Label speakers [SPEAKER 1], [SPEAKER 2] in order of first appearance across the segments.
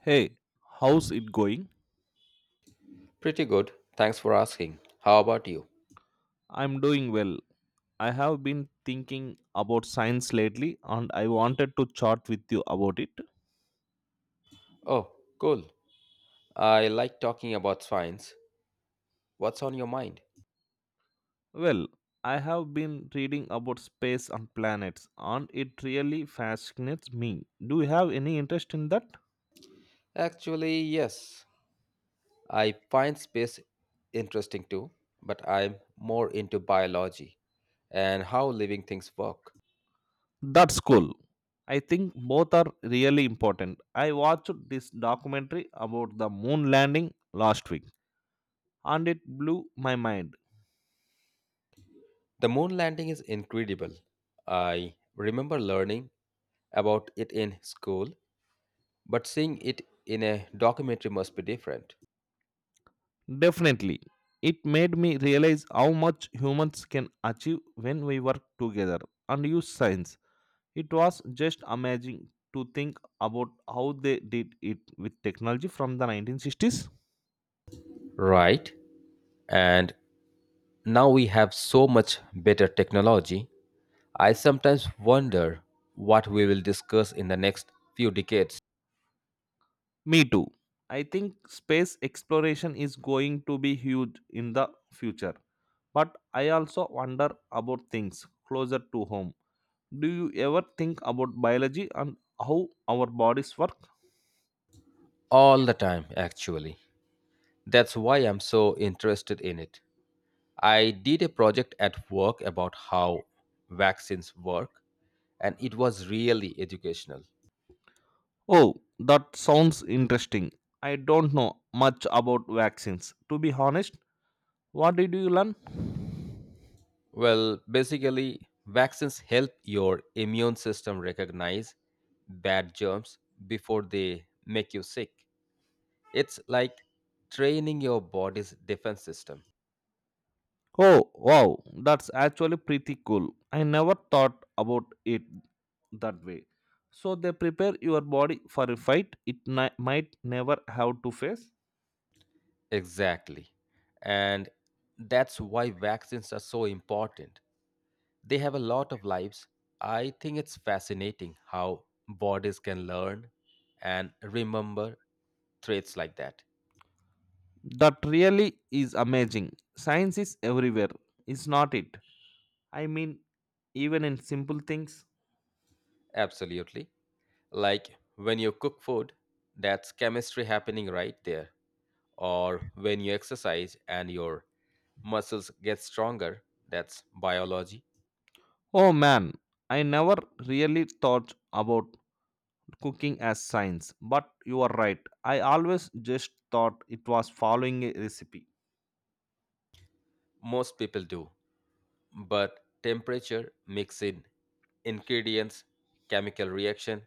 [SPEAKER 1] Hey, how's it going?
[SPEAKER 2] Pretty good. Thanks for asking. How about you?
[SPEAKER 1] I'm doing well. I have been thinking about science lately and I wanted to chat with you about it.
[SPEAKER 2] Oh, cool. I like talking about science. What's on your mind?
[SPEAKER 1] Well, I have been reading about space and planets and it really fascinates me. Do you have any interest in that?
[SPEAKER 2] Actually, yes. I find space interesting too, but I'm more into biology and how living things work.
[SPEAKER 1] That's cool. I think both are really important. I watched this documentary about the moon landing last week and it blew my mind.
[SPEAKER 2] The moon landing is incredible. I remember learning about it in school, but seeing it in a documentary must be different.
[SPEAKER 1] Definitely. It made me realize how much humans can achieve when we work together and use science. It was just amazing to think about how they did it with technology from the 1960s.
[SPEAKER 2] Right. And now we have so much better technology. I sometimes wonder what we will discuss in the next few decades.
[SPEAKER 1] Me too. I think space exploration is going to be huge in the future. But I also wonder about things closer to home. Do you ever think about biology and how our bodies work?
[SPEAKER 2] All the time, actually. That's why I'm so interested in it. I did a project at work about how vaccines work, and it was really educational.
[SPEAKER 1] Oh, that sounds interesting. I don't know much about vaccines. To be honest, what did you learn?
[SPEAKER 2] Well, basically, vaccines help your immune system recognize bad germs before they make you sick. It's like training your body's defense system.
[SPEAKER 1] Oh, wow, that's actually pretty cool. I never thought about it that way. So they prepare your body for a fight might never have to face.
[SPEAKER 2] Exactly. And that's why vaccines are so important. They have a lot of lives. I think it's fascinating how bodies can learn and remember traits like that.
[SPEAKER 1] That really is amazing. Science is everywhere, is not it? I mean, even in simple things.
[SPEAKER 2] Absolutely. Like when you cook food, that's chemistry happening right there. Or when you exercise and your muscles get stronger, that's biology.
[SPEAKER 1] Oh man, I never really thought about cooking as science, but you are right. I always just thought it was following a recipe.
[SPEAKER 2] Most people do, but temperature, mixing, ingredients, chemical reaction,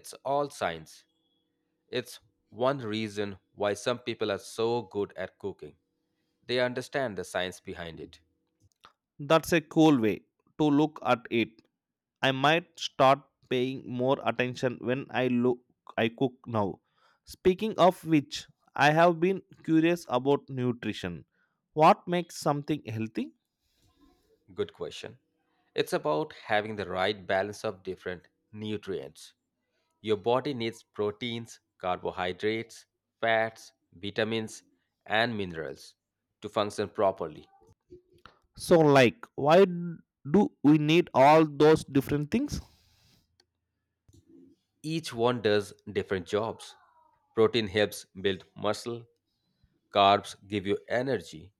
[SPEAKER 2] it's all science. It's one reason why some people are so good at cooking. They understand the science behind it.
[SPEAKER 1] That's a cool way to look at it. I might start paying more attention when I look I cook now. Speaking of which, I have been curious about nutrition. What makes something healthy?
[SPEAKER 2] Good question. It's about having the right balance of different nutrients. Your body needs proteins, carbohydrates, fats, vitamins, and minerals to function properly.
[SPEAKER 1] So like why do we need all those different things?
[SPEAKER 2] Each one does different jobs. Protein helps build muscle, carbs give you energy,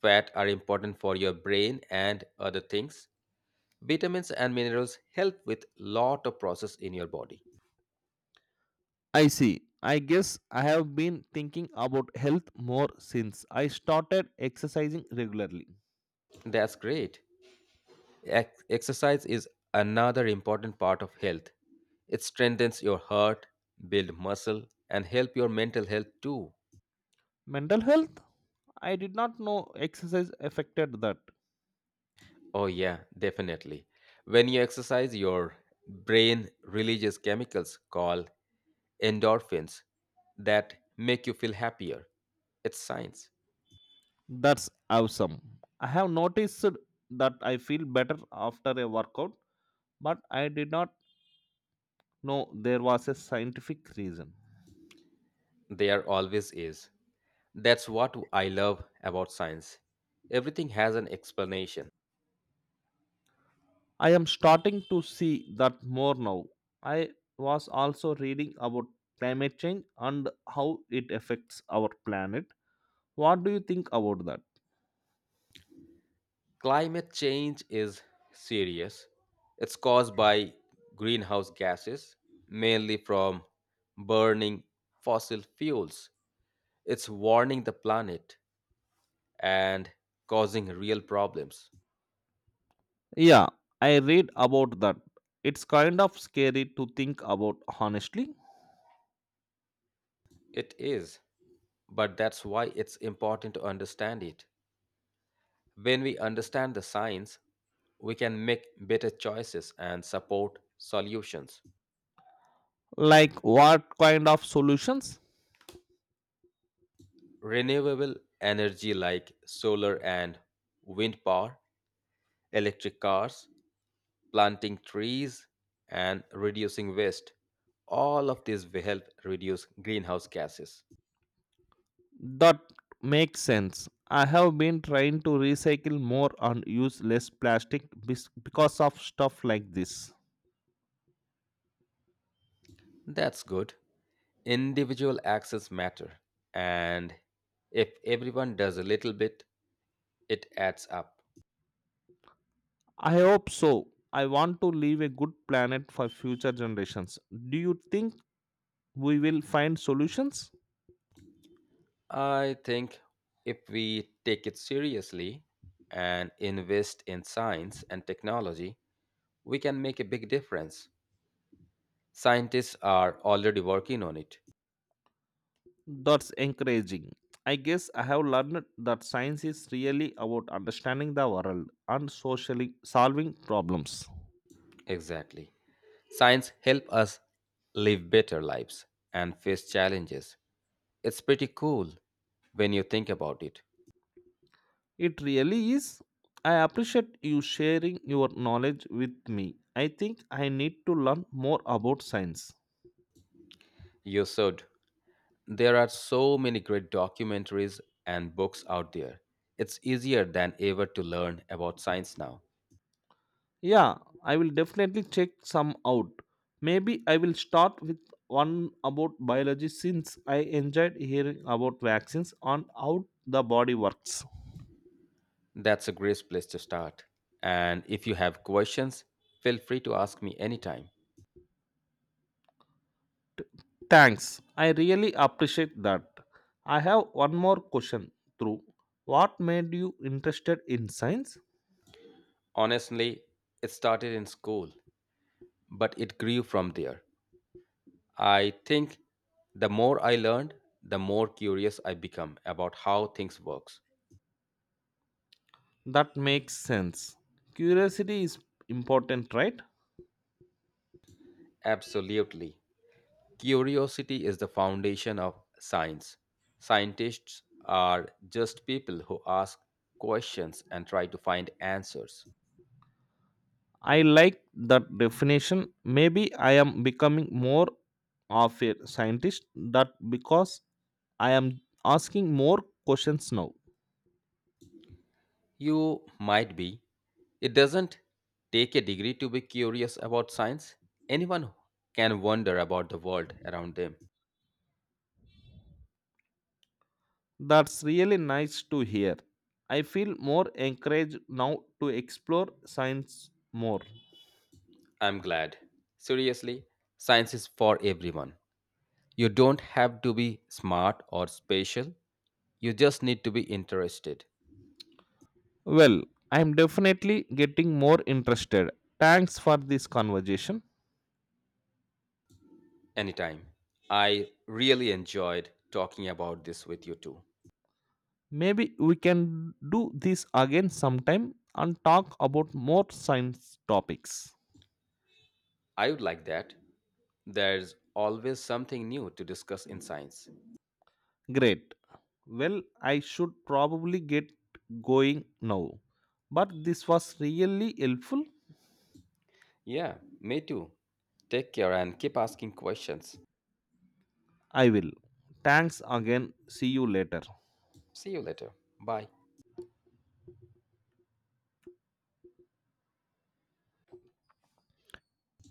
[SPEAKER 2] fat are important for your brain and other things. Vitamins and minerals help with lot of process in your body.
[SPEAKER 1] I see. I guess I have been thinking about health more since I started exercising regularly.
[SPEAKER 2] That's great. Exercise is another important part of health. It strengthens your heart, build muscle and help your mental health too.
[SPEAKER 1] Mental health? I did not know exercise affected that.
[SPEAKER 2] Oh yeah, definitely. When you exercise, your brain releases chemicals called endorphins that make you feel happier. It's science.
[SPEAKER 1] That's awesome. I have noticed that I feel better after a workout, but I did not know there was a scientific reason.
[SPEAKER 2] There always is. That's what I love about science. Everything has an explanation.
[SPEAKER 1] I am starting to see that more now. I was also reading about climate change and how it affects our planet. What do you think about that?
[SPEAKER 2] Climate change is serious. It's caused by greenhouse gases, mainly from burning fossil fuels. It's warning the planet and causing real problems.
[SPEAKER 1] Yeah, I read about that. It's kind of scary to think about honestly.
[SPEAKER 2] It is, but that's why it's important to understand it. When we understand the science, we can make better choices and support solutions.
[SPEAKER 1] Like what kind of solutions?
[SPEAKER 2] Renewable energy like solar and wind power, electric cars, planting trees, and reducing waste, all of these will help reduce greenhouse gases.
[SPEAKER 1] That makes sense. I have been trying to recycle more and use less plastic because of stuff like this.
[SPEAKER 2] That's good. Individual actions matter, and if everyone does a little bit, it adds up.
[SPEAKER 1] I hope so. I want to leave a good planet for future generations. Do you think we will find solutions?
[SPEAKER 2] I think if we take it seriously and invest in science and technology, we can make a big difference. Scientists are already working on it.
[SPEAKER 1] That's encouraging. I guess I have learned that science is really about understanding the world and socially solving problems.
[SPEAKER 2] Exactly. Science help us live better lives and face challenges. It's pretty cool when you think about it.
[SPEAKER 1] It really is. I appreciate you sharing your knowledge with me. I think I need to learn more about science.
[SPEAKER 2] You should. There are so many great documentaries and books out there. It's easier than ever to learn about science now.
[SPEAKER 1] Yeah, I will definitely check some out. Maybe I will start with one about biology since I enjoyed hearing about vaccines and how the body works.
[SPEAKER 2] That's a great place to start. And if you have questions, feel free to ask me anytime.
[SPEAKER 1] T- Thanks. I really appreciate that. I have one more question through. What made you interested in science?
[SPEAKER 2] Honestly, it started in school, but it grew from there. I think the more I learned, the more curious I become about how things works.
[SPEAKER 1] That makes sense. Curiosity is important, right?
[SPEAKER 2] Absolutely. Curiosity is the foundation of science. Scientists are just people who ask questions and try to find answers.
[SPEAKER 1] I like that definition. Maybe I am becoming more of a scientist that because I am asking more questions now.
[SPEAKER 2] You might be. It doesn't take a degree to be curious about science. Anyone can wonder about the world around them.
[SPEAKER 1] That's really nice to hear. I feel more encouraged now to explore science more.
[SPEAKER 2] I'm glad. Seriously, science is for everyone. You don't have to be smart or special. You just need to be interested.
[SPEAKER 1] Well, I'm definitely getting more interested. Thanks for this conversation.
[SPEAKER 2] Anytime. I really enjoyed talking about this with you too.
[SPEAKER 1] Maybe we can do this again sometime and talk about more science topics.
[SPEAKER 2] I would like that. There's always something new to discuss in science.
[SPEAKER 1] Great. Well, I should probably get going now. But this was really helpful.
[SPEAKER 2] Yeah, me too. Take care and keep asking questions.
[SPEAKER 1] I will. Thanks again. See you later.
[SPEAKER 2] See you later. Bye.